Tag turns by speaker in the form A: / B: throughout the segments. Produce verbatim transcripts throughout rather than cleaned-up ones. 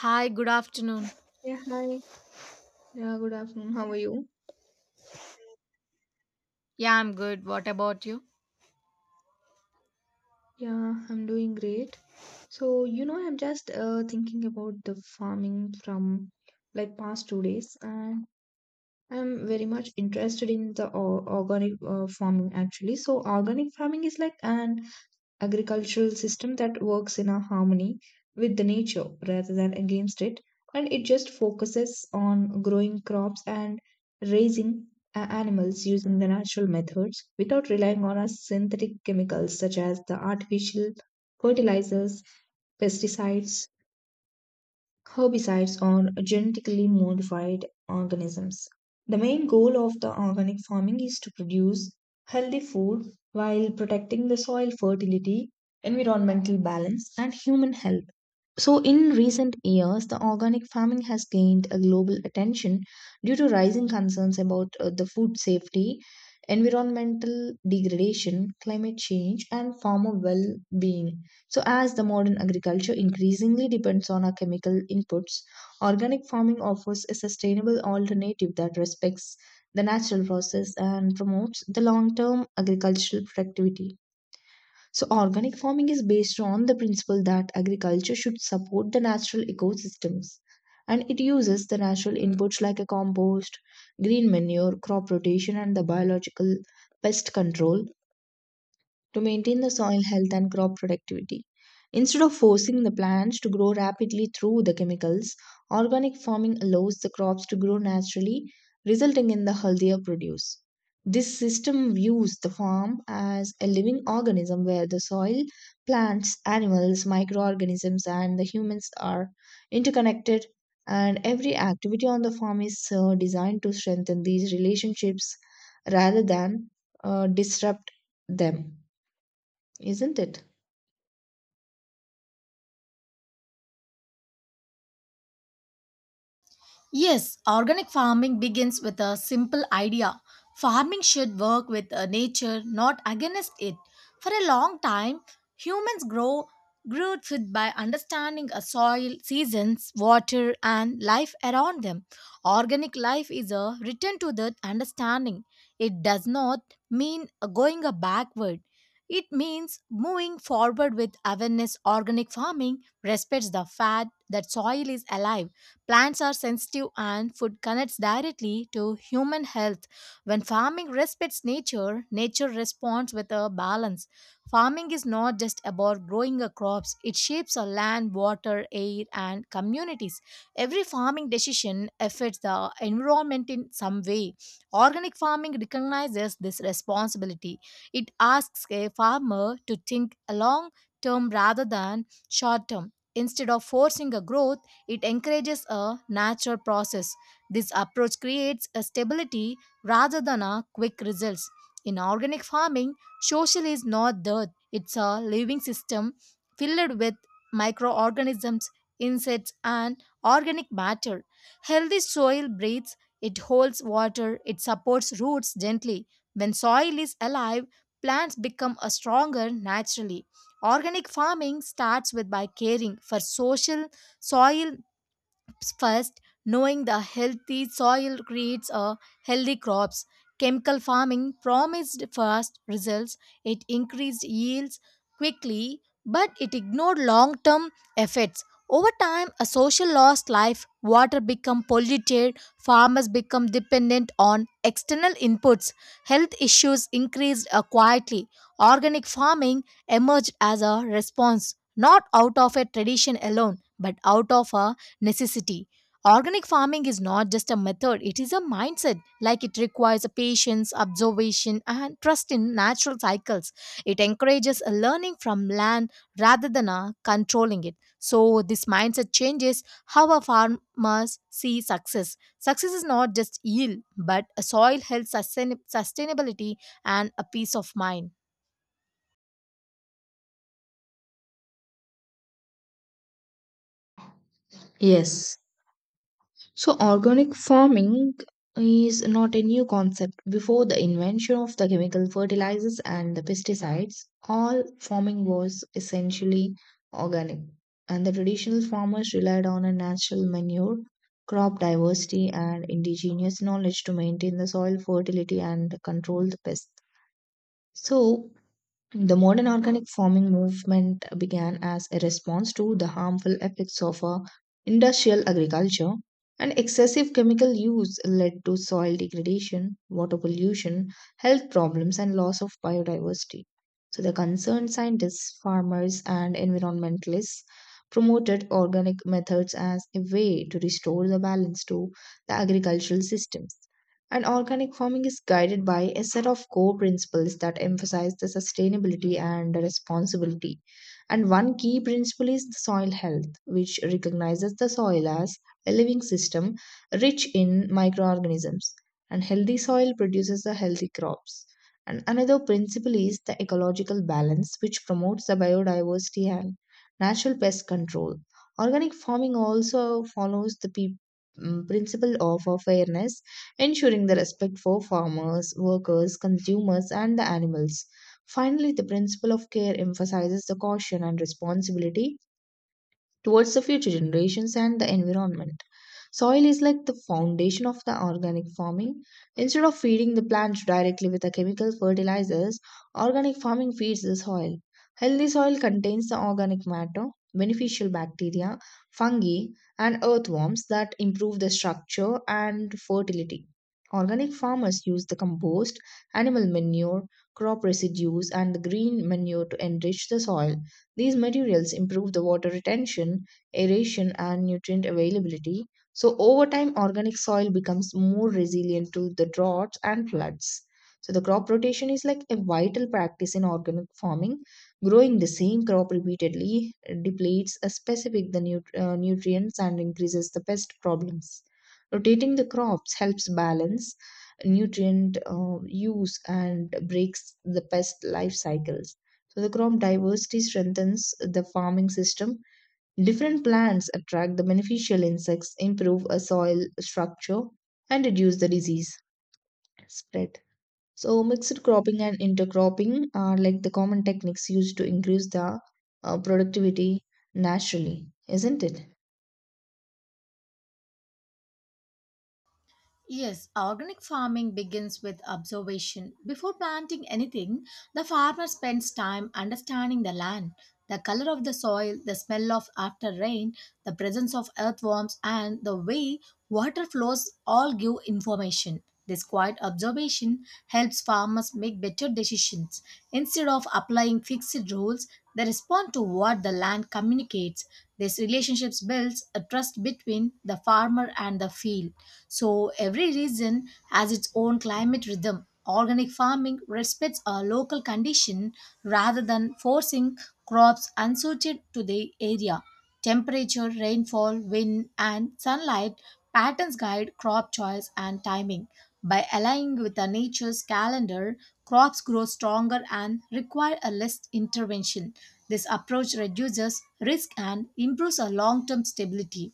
A: Hi, good afternoon.
B: Yeah, hi. Yeah, good afternoon. How are you?
A: Yeah, I'm good. What about you?
B: Yeah, I'm doing great. So, you know, I'm just uh, thinking about the farming from like past two days, and I'm very much interested in the o- organic uh, farming actually. So, organic farming is like an agricultural system that works in a harmony with the nature rather than against it, and it just focuses on growing crops and raising a- animals using the natural methods without relying on a synthetic chemicals such as the artificial fertilizers, pesticides, herbicides on genetically modified organisms. The main goal of the organic farming is to produce healthy food while protecting the soil fertility, environmental balance, and human health. So, in recent years, the organic farming has gained a global attention due to rising concerns about uh, the food safety, environmental degradation, climate change, and farmer well being. So, as the modern agriculture increasingly depends on our chemical inputs, organic farming offers a sustainable alternative that respects the natural process and promotes the long term agricultural productivity. So, organic farming is based on the principle that agriculture should support the natural ecosystems, and it uses the natural inputs like a compost, green manure, crop rotation, and the biological pest control to maintain the soil health and crop productivity. Instead of forcing the plants to grow rapidly through the chemicals, organic farming allows the crops to grow naturally, resulting in the healthier produce. This system views the farm as a living organism where the soil, plants, animals, microorganisms, and the humans are interconnected, and every activity on the farm is uh, designed to strengthen these relationships rather than uh, disrupt them, isn't it?
A: Yes, organic farming begins with a simple idea. Farming should work with uh, nature, not against it. For a long time, humans grow grew food by understanding a soil, seasons, water, and life around them. Organic life is a return to that understanding. It does not mean uh, going uh, backward. It means moving forward with awareness. Organic farming respects the fact that soil is alive. Plants are sensitive, and food connects directly to human health. When farming respects nature, nature responds with a balance. Farming is not just about growing a crops, it shapes our land, water, air, and communities. Every farming decision affects the environment in some way. Organic farming recognizes this responsibility. It asks a farmer to think long term rather than short term. Instead of forcing a growth, it encourages a natural process. This approach creates a stability rather than a quick results. In organic farming, social is not dirt. It's a living system filled with microorganisms, insects, and organic matter. Healthy soil breathes, it holds water, it supports roots gently. When soil is alive, plants become a stronger naturally. Organic farming starts with by caring for social soil first, knowing the healthy soil creates a healthy crops. Chemical farming promised fast results. It increased yields quickly, but it ignored long-term effects. Over time, a social lost life, water become polluted, farmers become dependent on external inputs. Health issues increased uh, quietly. Organic farming emerged as a response, not out of a tradition alone, but out of a necessity. Organic farming is not just a method, it is a mindset. Like it requires a patience, observation, and trust in natural cycles. It encourages a learning from land rather than a controlling it. So, this mindset changes how our farmers see success. Success is not just yield, but a soil health, sustain- sustainability, and a peace of mind.
B: Yes. So, organic farming is not a new concept. Before the invention of the chemical fertilizers and the pesticides, all farming was essentially organic, and the traditional farmers relied on a natural manure, crop diversity, and indigenous knowledge to maintain the soil fertility and control the pests. So, the modern organic farming movement began as a response to the harmful effects of uh, industrial agriculture, and excessive chemical use led to soil degradation, water pollution, health problems, and loss of biodiversity. So, the concerned scientists, farmers, and environmentalists promoted organic methods as a way to restore the balance to the agricultural systems. And organic farming is guided by a set of core principles that emphasize the sustainability and the responsibility. And one key principle is the soil health, which recognizes the soil as a living system rich in microorganisms. And healthy soil produces the healthy crops. And another principle is the ecological balance, which promotes the biodiversity and natural pest control. Organic farming also follows the pe- mm, principle of uh, fairness, ensuring the respect for farmers, workers, consumers, and the animals. Finally, the principle of care emphasizes the caution and responsibility towards the future generations and the environment. Soil is like the foundation of the organic farming. Instead of feeding the plants directly with the chemical fertilizers, organic farming feeds the soil. Healthy soil contains the organic matter, beneficial bacteria, fungi, and earthworms that improve the structure and fertility. Organic farmers use the compost, animal manure, crop residues, and the green manure to enrich the soil. These materials improve the water retention, aeration, and nutrient availability, so over time, organic soil becomes more resilient to the droughts and floods. So the crop rotation is like a vital practice in organic farming. Growing the same crop repeatedly depletes a specific the nut- uh, nutrients and increases the pest problems. Rotating the crops helps balance nutrient uh, use and breaks the pest life cycles. So the crop diversity strengthens the farming system. Different plants attract the beneficial insects, improve a soil structure, and reduce the disease spread. So, mixed cropping and intercropping are like the common techniques used to increase the uh, productivity naturally, isn't it?
A: Yes, organic farming begins with observation. Before planting anything, the farmer spends time understanding the land, the color of the soil, the smell of after rain, the presence of earthworms, and the way water flows all give information. This quiet observation helps farmers make better decisions. Instead of applying fixed rules, they respond to what the land communicates. This relationships builds a trust between the farmer and the field. So every region has its own climate rhythm. Organic farming respects a local condition rather than forcing crops unsuited to the area. Temperature, rainfall, wind, and sunlight patterns guide crop choice and timing. By aligning with the nature's calendar, crops grow stronger and require a less intervention. This approach reduces risk and improves a long-term stability.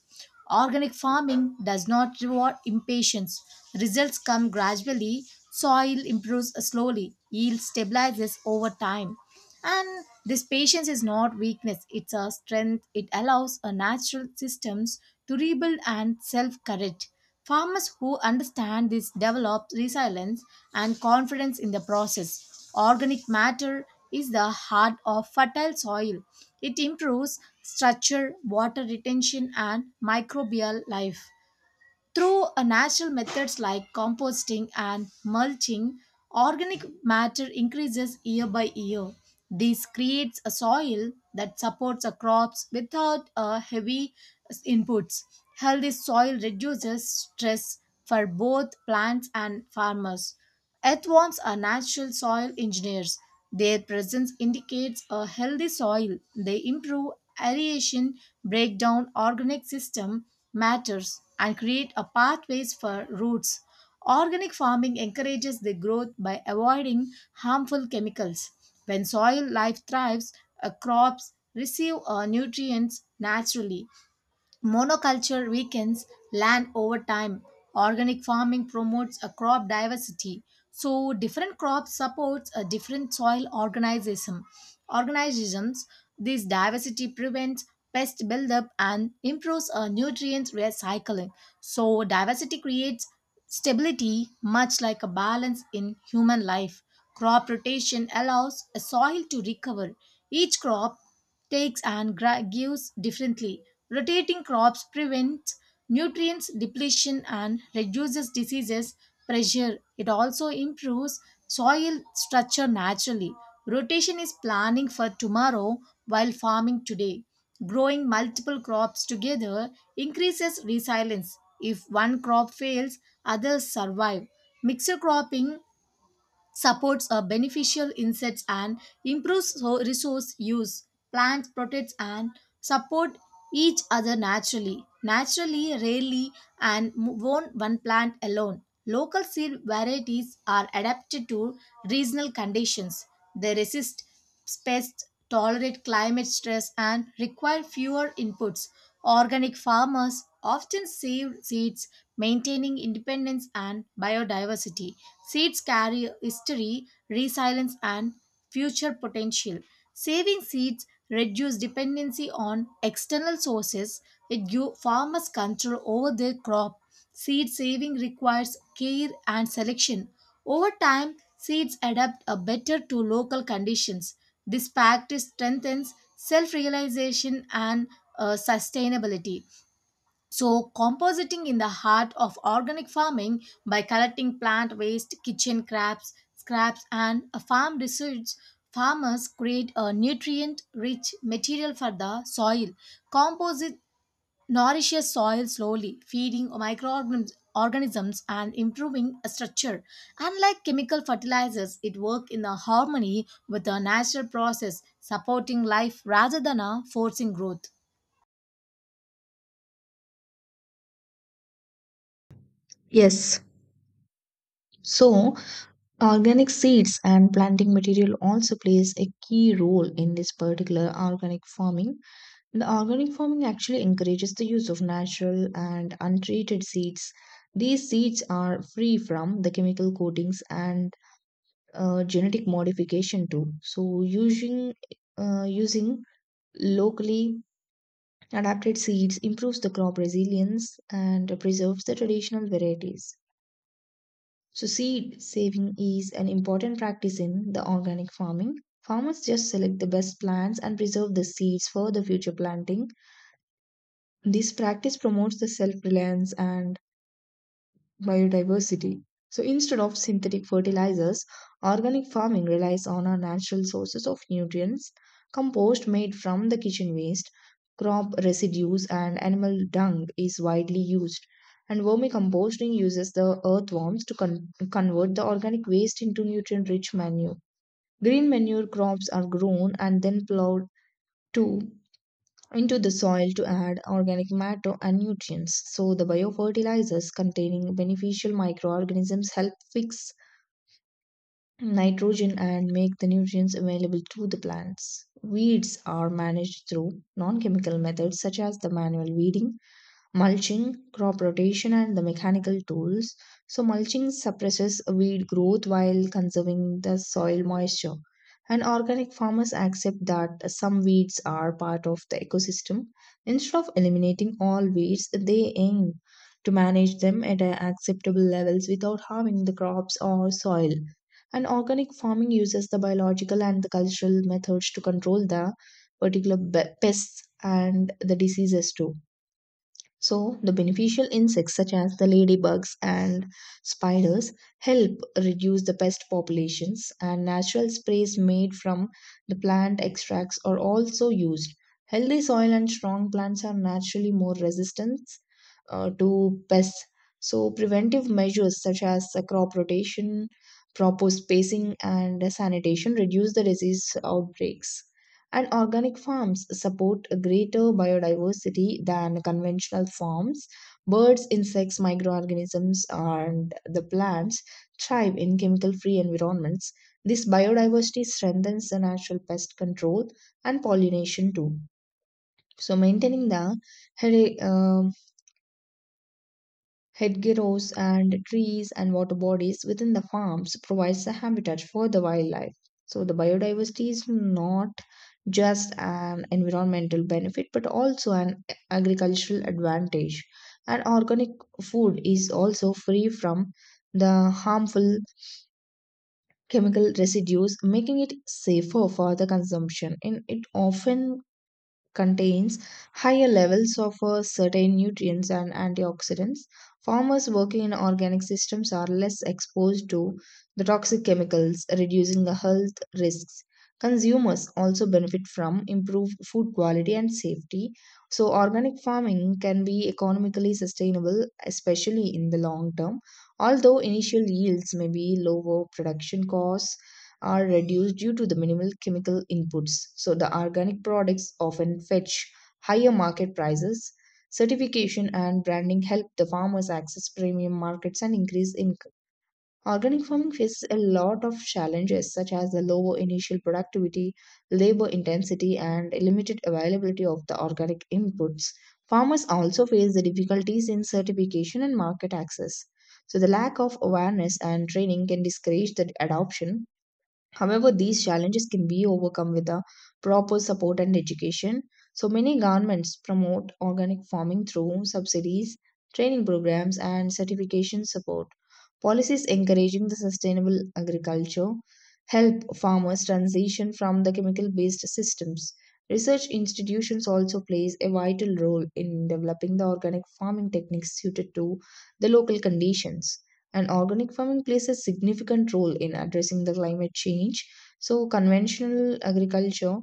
A: Organic farming does not reward impatience. Results come gradually, soil improves slowly, yield stabilizes over time. And this patience is not weakness, it's a strength. It allows a natural systems to rebuild and self correct. Farmers who understand this develop resilience and confidence in the process. Organic matter is the heart of fertile soil. It improves structure, water retention, and microbial life. Through uh, natural methods like composting and mulching, organic matter increases year by year. This creates a soil that supports a crops without uh, heavy inputs. Healthy soil reduces stress for both plants and farmers. Earthworms are natural soil engineers. Their presence indicates a healthy soil. They improve aeration, break down organic system matters, and create a pathways for roots. Organic farming encourages the growth by avoiding harmful chemicals. When soil life thrives, uh, crops receive uh, nutrients naturally. Monoculture weakens land over time. Organic farming promotes a crop diversity. So different crops supports a different soil organism. Organisms. This diversity prevents pest buildup and improves a nutrient recycling. So diversity creates stability, much like a balance in human life. Crop rotation allows a soil to recover. Each crop takes and gra- gives differently. Rotating crops prevents nutrients depletion and reduces diseases pressure. It also improves soil structure naturally. Rotation is planning for tomorrow while farming today. Growing multiple crops together increases resilience. If one crop fails, others survive. Mixed cropping supports uh, beneficial insects and improves so- resource use, plants protect and support each other naturally naturally rarely and m- won't one plant alone. Local seed varieties are adapted to regional conditions, they resist pests, tolerate climate stress, and require fewer inputs. Organic farmers often save seeds, maintaining independence and biodiversity. Seeds carry history, resilience, and future potential. Saving seeds reduce dependency on external sources. It gives farmers control over their crop. Seed saving requires care and selection. Over time, seeds adapt a better to local conditions. This practice strengthens self realization and uh, sustainability. So, compositing in the heart of organic farming by collecting plant waste, kitchen scraps, scraps, and a farm residues, farmers create a nutrient-rich material for the soil. Composite nourishes soil slowly, feeding microorganisms organisms and improving a structure. Unlike chemical fertilizers, it works in a harmony with the natural process, supporting life rather than a forcing growth.
B: Yes. So, organic seeds and planting material also plays a key role in this particular organic farming. The organic farming actually encourages the use of natural and untreated seeds. These seeds are free from the chemical coatings and uh, genetic modification too. So using uh, using locally adapted seeds improves the crop resilience and preserves the traditional varieties. So seed saving is an important practice in the organic farming. Farmers just select the best plants and preserve the seeds for the future planting. This practice promotes the self reliance and biodiversity. So instead of synthetic fertilizers, organic farming relies on our natural sources of nutrients, compost made from the kitchen waste, crop residues, and animal dung is widely used. And vermicomposting uses the earthworms to con- convert the organic waste into nutrient rich manure. Green manure crops are grown and then plowed to into the soil to add organic matter and nutrients. So, the biofertilizers containing beneficial microorganisms help fix nitrogen and make the nutrients available to the plants. Weeds are managed through non chemical methods such as the manual weeding, mulching, crop rotation, and the mechanical tools. So, mulching suppresses weed growth while conserving the soil moisture. And organic farmers accept that some weeds are part of the ecosystem. Instead of eliminating all weeds, they aim to manage them at uh, acceptable levels without harming the crops or soil. And organic farming uses the biological and the cultural methods to control the particular be- pests and the diseases too. So, the beneficial insects such as the ladybugs and spiders help reduce the pest populations, and natural sprays made from the plant extracts are also used. Healthy soil and strong plants are naturally more resistant uh, to pests. So, preventive measures such as the crop rotation, proper spacing, and sanitation reduce the disease outbreaks. And organic farms support a greater biodiversity than conventional farms. Birds, insects, microorganisms, and the plants thrive in chemical free environments. This biodiversity strengthens the natural pest control and pollination too. So, maintaining the heri- uh, hedgerows and trees and water bodies within the farms provides a habitat for the wildlife. So the biodiversity is not just an environmental benefit but also an agricultural advantage. And organic food is also free from the harmful chemical residues, making it safer for the consumption. And it often contains higher levels of uh, certain nutrients and antioxidants. Farmers working in organic systems are less exposed to the toxic chemicals, reducing the health risks. Consumers also benefit from improved food quality and safety. So, organic farming can be economically sustainable, especially in the long term. Although initial yields may be lower, production costs are reduced due to the minimal chemical inputs. So the organic products often fetch higher market prices. Certification and branding help the farmers access premium markets and increase income. Organic farming faces a lot of challenges such as the lower initial productivity, labor intensity, and limited availability of the organic inputs. Farmers also face the difficulties in certification and market access. So, the lack of awareness and training can discourage the adoption. However, these challenges can be overcome with a proper support and education. So many governments promote organic farming through subsidies, training programs, and certification support. Policies encouraging the sustainable agriculture help farmers transition from the chemical-based systems. Research institutions also plays a vital role in developing the organic farming techniques suited to the local conditions, and organic farming plays a significant role in addressing the climate change. So, conventional agriculture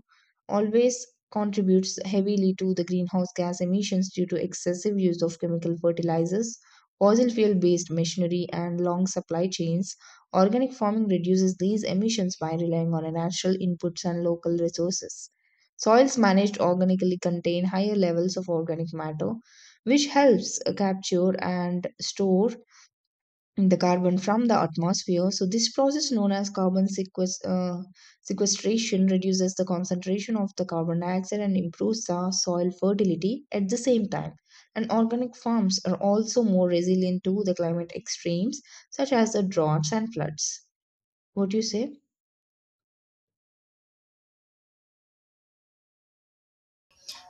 B: always contributes heavily to the greenhouse gas emissions due to excessive use of chemical fertilizers, fossil fuel based machinery, and long supply chains. Organic farming reduces these emissions by relying on natural inputs and local resources. Soils managed organically contain higher levels of organic matter, which helps uh, capture and store the carbon from the atmosphere. So this process known as carbon sequest- uh, sequestration reduces the concentration of the carbon dioxide and improves the soil fertility at the same time. And organic farms are also more resilient to the climate extremes such as the droughts and floods. What do you say?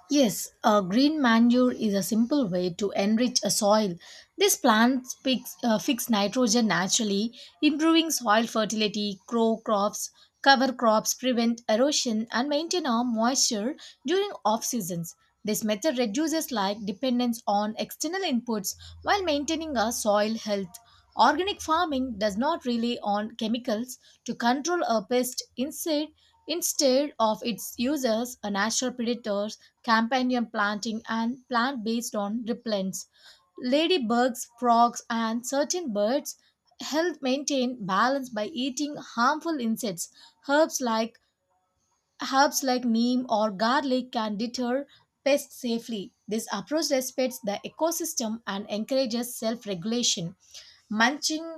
A: Yes, a green manure is a simple way to enrich a soil. This plant picks, uh, fix nitrogen naturally, improving soil fertility, grow crops, cover crops, prevent erosion, and maintain our moisture during off seasons. This method reduces like dependence on external inputs while maintaining our soil health. Organic farming does not rely on chemicals to control a pest. Instead, instead of its users, a natural predator companion planting and plant based on repellents. Ladybugs, frogs, and certain birds help maintain balance by eating harmful insects. Herbs like Herbs like neem or garlic can deter pests safely. This approach respects the ecosystem and encourages self-regulation. Mulching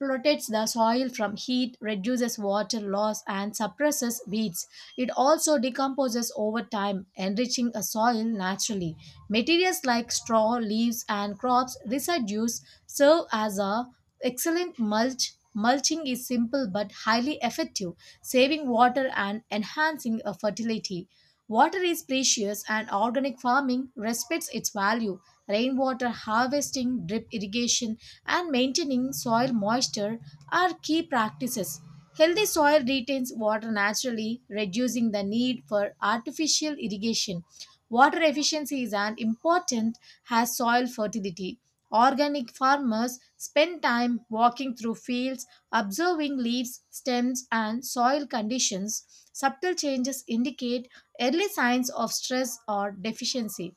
A: protects the soil from heat, reduces water loss, and suppresses weeds. It also decomposes over time, enriching a soil naturally. Materials like straw, leaves, and crops residues serve as a excellent mulch. Mulching is simple but highly effective, saving water and enhancing a fertility. Water is precious and organic farming respects its value. Rainwater harvesting, drip irrigation, and maintaining soil moisture are key practices. Healthy soil retains water naturally, reducing the need for artificial irrigation. Water efficiency is as important as soil fertility. Organic farmers spend time walking through fields, observing leaves, stems, and soil conditions. Subtle changes indicate early signs of stress or deficiency.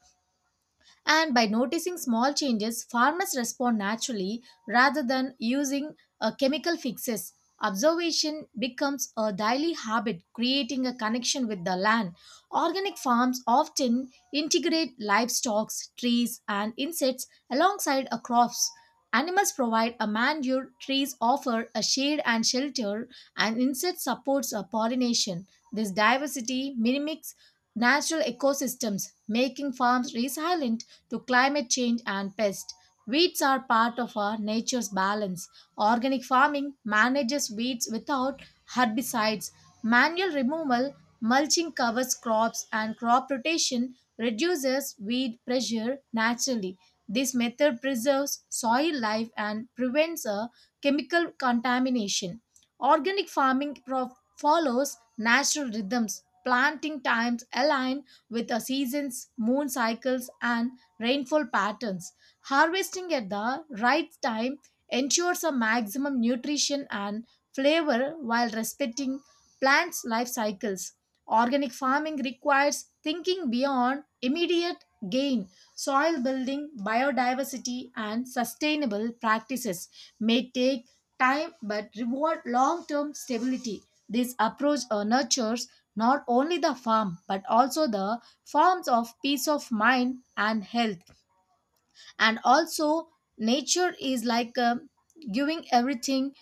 A: And by noticing small changes, farmers respond naturally rather than using uh, chemical fixes. Observation becomes a daily habit, creating a connection with the land. Organic farms often integrate livestock, trees, and insects alongside a crops. Animals provide a manure, trees offer a shade and shelter, and insects supports a pollination. This diversity mimics natural ecosystems, making farms resilient to climate change and pests. Weeds are part of our nature's balance. Organic farming manages weeds without herbicides. Manual removal, mulching covers crops, and crop rotation reduces weed pressure naturally. This method preserves soil life and prevents a chemical contamination. Organic farming pro- follows natural rhythms. Planting times align with the seasons, moon cycles, and rainfall patterns. Harvesting at the right time ensures a maximum nutrition and flavor while respecting plants' life cycles. Organic farming requires thinking beyond immediate gain, soil building, biodiversity, and sustainable practices may take time but reward long term stability. This approach uh, nurtures not only the farm but also the forms of peace of mind and health, and also nature is like um, giving everything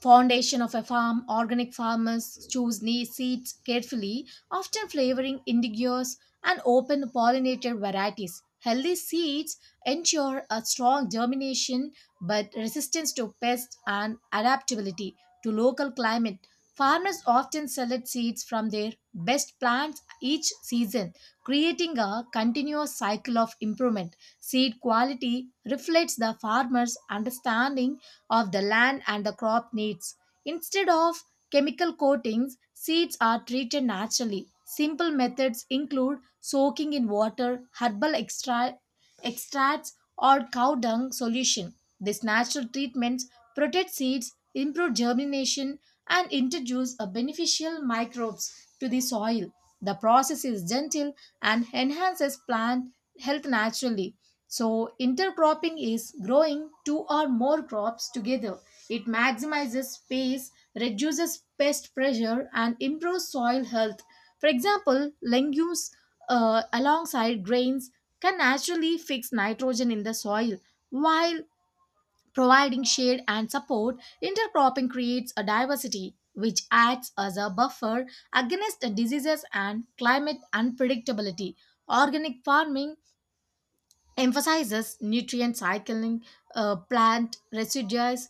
A: foundation of a farm. Organic farmers choose ne- seeds carefully, often flavoring indigoes and open pollinated varieties. Healthy seeds ensure a strong germination but resistance to pests and adaptability to local climate. Farmers often select seeds from their best plants each season, creating a continuous cycle of improvement. Seed quality reflects the farmer's understanding of the land and the crop needs. Instead of chemical coatings, seeds are treated naturally. Simple methods include soaking in water, herbal extra- extracts, or cow dung solution. These natural treatments protect seeds, improve germination, and introduce a beneficial microbes to the soil. The process is gentle and enhances plant health naturally. So, intercropping is growing two or more crops together. It maximizes space, reduces pest pressure, and improves soil health. For example, legumes uh, alongside grains can naturally fix nitrogen in the soil. While providing shade and support, intercropping creates a diversity which acts as a buffer against diseases and climate unpredictability. Organic farming emphasizes nutrient cycling, uh, plant residues,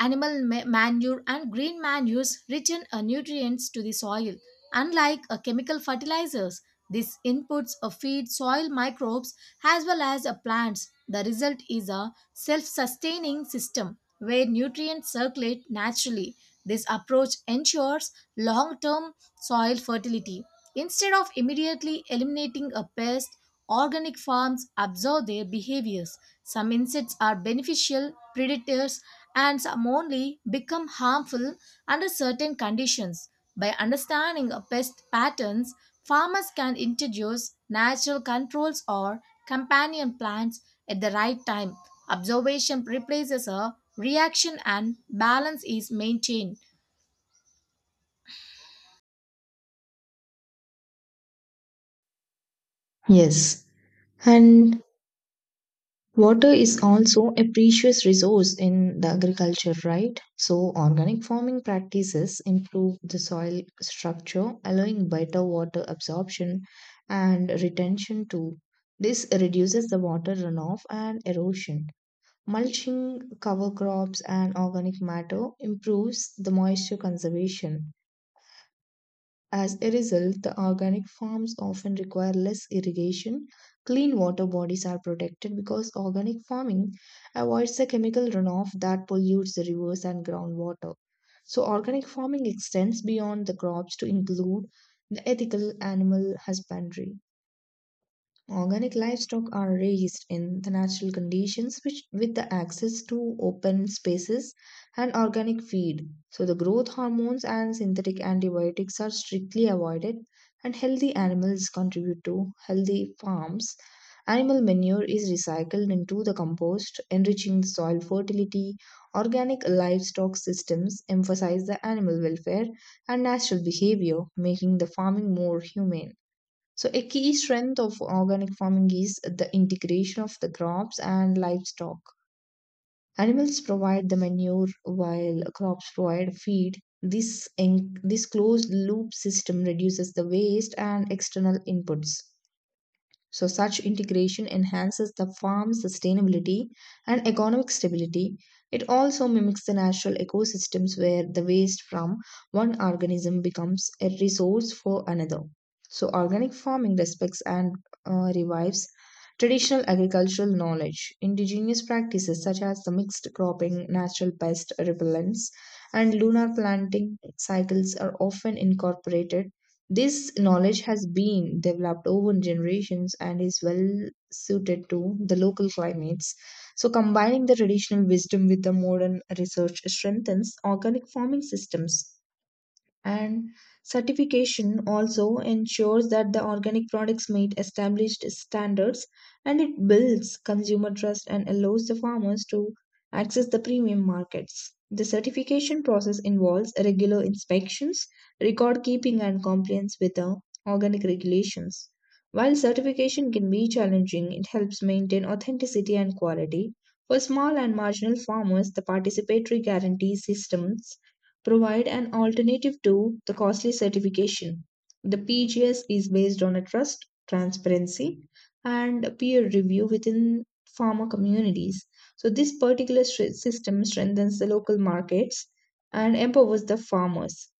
A: animal ma- manure and green manures return uh, nutrients to the soil. Unlike uh, chemical fertilizers, these inputs uh, feed soil microbes as well as uh, plants. The result is a self sustaining system where nutrients circulate naturally. This approach ensures long term soil fertility. Instead of immediately eliminating a pest, organic farms observe their behaviors. Some insects are beneficial predators and some only become harmful under certain conditions. By understanding pest patterns, farmers can introduce natural controls or companion plants at the right time. Observation replaces a reaction and balance is maintained.
B: Yes. And water is also a precious resource in the agriculture, right? So, organic farming practices improve the soil structure, allowing better water absorption and retention too. This reduces the water runoff and erosion. Mulching cover crops and organic matter improves the moisture conservation. As a result, the organic farms often require less irrigation. Clean water bodies are protected because organic farming avoids the chemical runoff that pollutes the rivers and groundwater. So, organic farming extends beyond the crops to include the ethical animal husbandry. Organic livestock are raised in the natural conditions which with the access to open spaces and organic feed. So the growth hormones and synthetic antibiotics are strictly avoided and healthy animals contribute to healthy farms. Animal manure is recycled into the compost, enriching the soil fertility. Organic livestock systems emphasize the animal welfare and natural behavior, making the farming more humane. So, a key strength of organic farming is the integration of the crops and livestock. Animals provide the manure while crops provide feed. This, en- this closed loop system reduces the waste and external inputs. So, such integration enhances the farm's sustainability and economic stability. It also mimics the natural ecosystems where the waste from one organism becomes a resource for another. So, organic farming respects and uh, revives traditional agricultural knowledge. Indigenous practices such as the mixed cropping, natural pest repellents, and lunar planting cycles are often incorporated. This knowledge has been developed over generations and is well suited to the local climates. So, combining the traditional wisdom with the modern research strengthens organic farming systems, and certification also ensures that the organic products meet established standards and it builds consumer trust and allows the farmers to access the premium markets. The certification process involves regular inspections, record keeping, and compliance with the organic regulations. While certification can be challenging, it helps maintain authenticity and quality. For small and marginal farmers, the participatory guarantee systems provide an alternative to the costly certification. The P G S is based on a trust, transparency, and peer review within farmer communities. So, this particular system strengthens the local markets and empowers the farmers.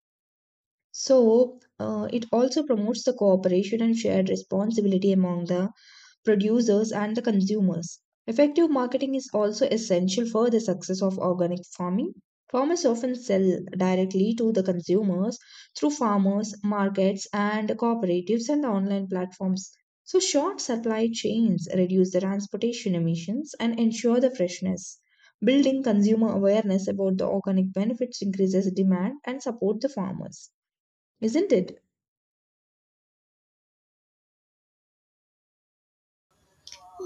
B: So, uh, it also promotes the cooperation and shared responsibility among the producers, and the consumers. Effective marketing is also essential for the success of organic farming. Farmers often sell directly to the consumers through farmers, markets, and cooperatives and online platforms. So, short supply chains reduce the transportation emissions and ensure the freshness. Building consumer awareness about the organic benefits increases demand and support the farmers. Isn't it?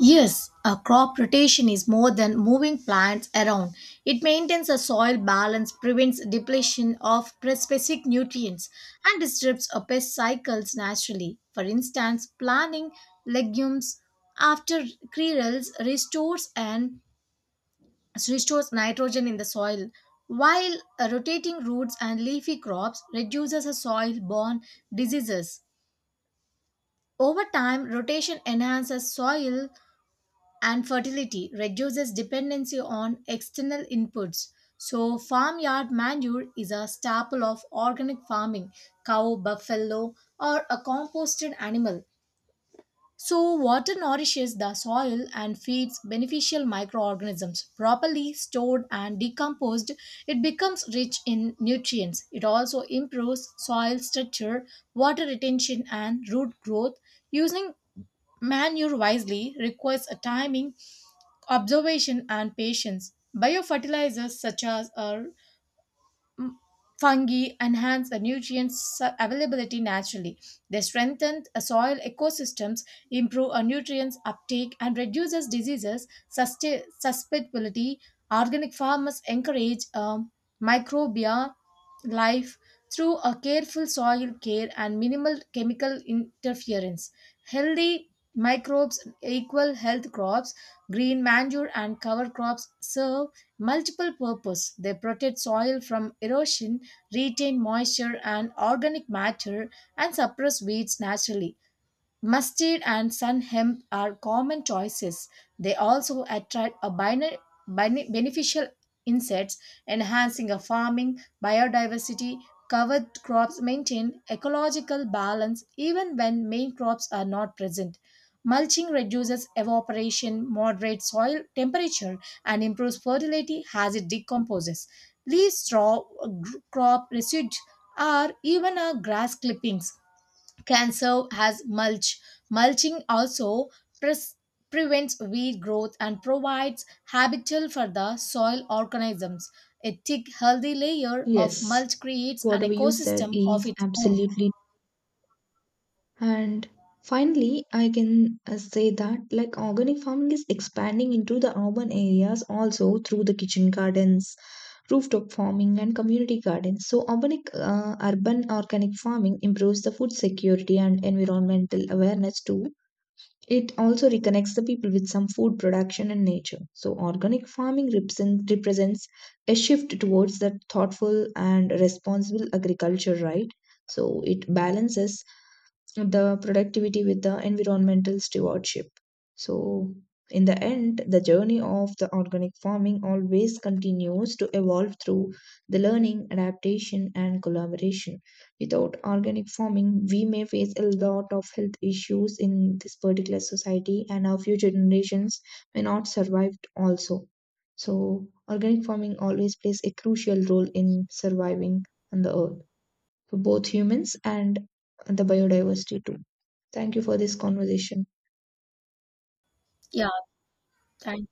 A: Yes, a crop rotation is more than moving plants around. It maintains a soil balance, prevents depletion of pre- specific nutrients, and disrupts a pest cycles naturally. For instance, planting legumes after cereals restores and restores nitrogen in the soil, while uh, rotating roots and leafy crops reduces soil-borne diseases. Over time, rotation enhances soil and fertility reduces dependency on external inputs. So, farmyard manure is a staple of organic farming, cow, buffalo, or a composted animal. So, water nourishes the soil and feeds beneficial microorganisms. Properly stored and decomposed, it becomes rich in nutrients. It also improves soil structure, water retention, and root growth. Using manure wisely requires a timing observation and patience. Biofertilizers such as are m- fungi enhance the nutrients availability naturally. They strengthen uh, soil ecosystems, improve uh, nutrients uptake, and reduces diseases sustain- susceptibility. Organic farmers encourage um, microbial life through a careful soil care and minimal chemical interference. Healthy microbes equal health crops. Green manure and cover crops serve multiple purpose, they protect soil from erosion, retain moisture and organic matter, and suppress weeds naturally. Mustard and sun hemp are common choices. They also attract a bine- bine- beneficial insects, enhancing a farming biodiversity. Covered crops maintain ecological balance even when main crops are not present. Mulching reduces evaporation, moderates soil temperature, and improves fertility as it decomposes. Leaves, straw, uh, gr- crop residues, or even our grass clippings can serve as mulch. Mulching also pres- prevents weed growth and provides habitat for the soil organisms. A thick, healthy layer of
B: Yes.
A: mulch creates an
B: Whatever you said
A: ecosystem of
B: is
A: its own.
B: absolutely. And finally, I can uh, say that like organic farming is expanding into the urban areas also through the kitchen gardens, rooftop farming, and community gardens. So, organic, uh, urban organic farming improves the food security and environmental awareness too. It also reconnects the people with some food production and nature. So, organic farming represent, represents a shift towards that thoughtful and responsible agriculture, right? So, it balances the productivity with the environmental stewardship. So, in the end, the journey of the organic farming always continues to evolve through the learning, adaptation, and collaboration. Without organic farming, we may face a lot of health issues in this particular society, and our future generations may not survive also. So, organic farming always plays a crucial role in surviving on the earth for both humans and the biodiversity too. Thank you for this conversation.
A: Yeah, thank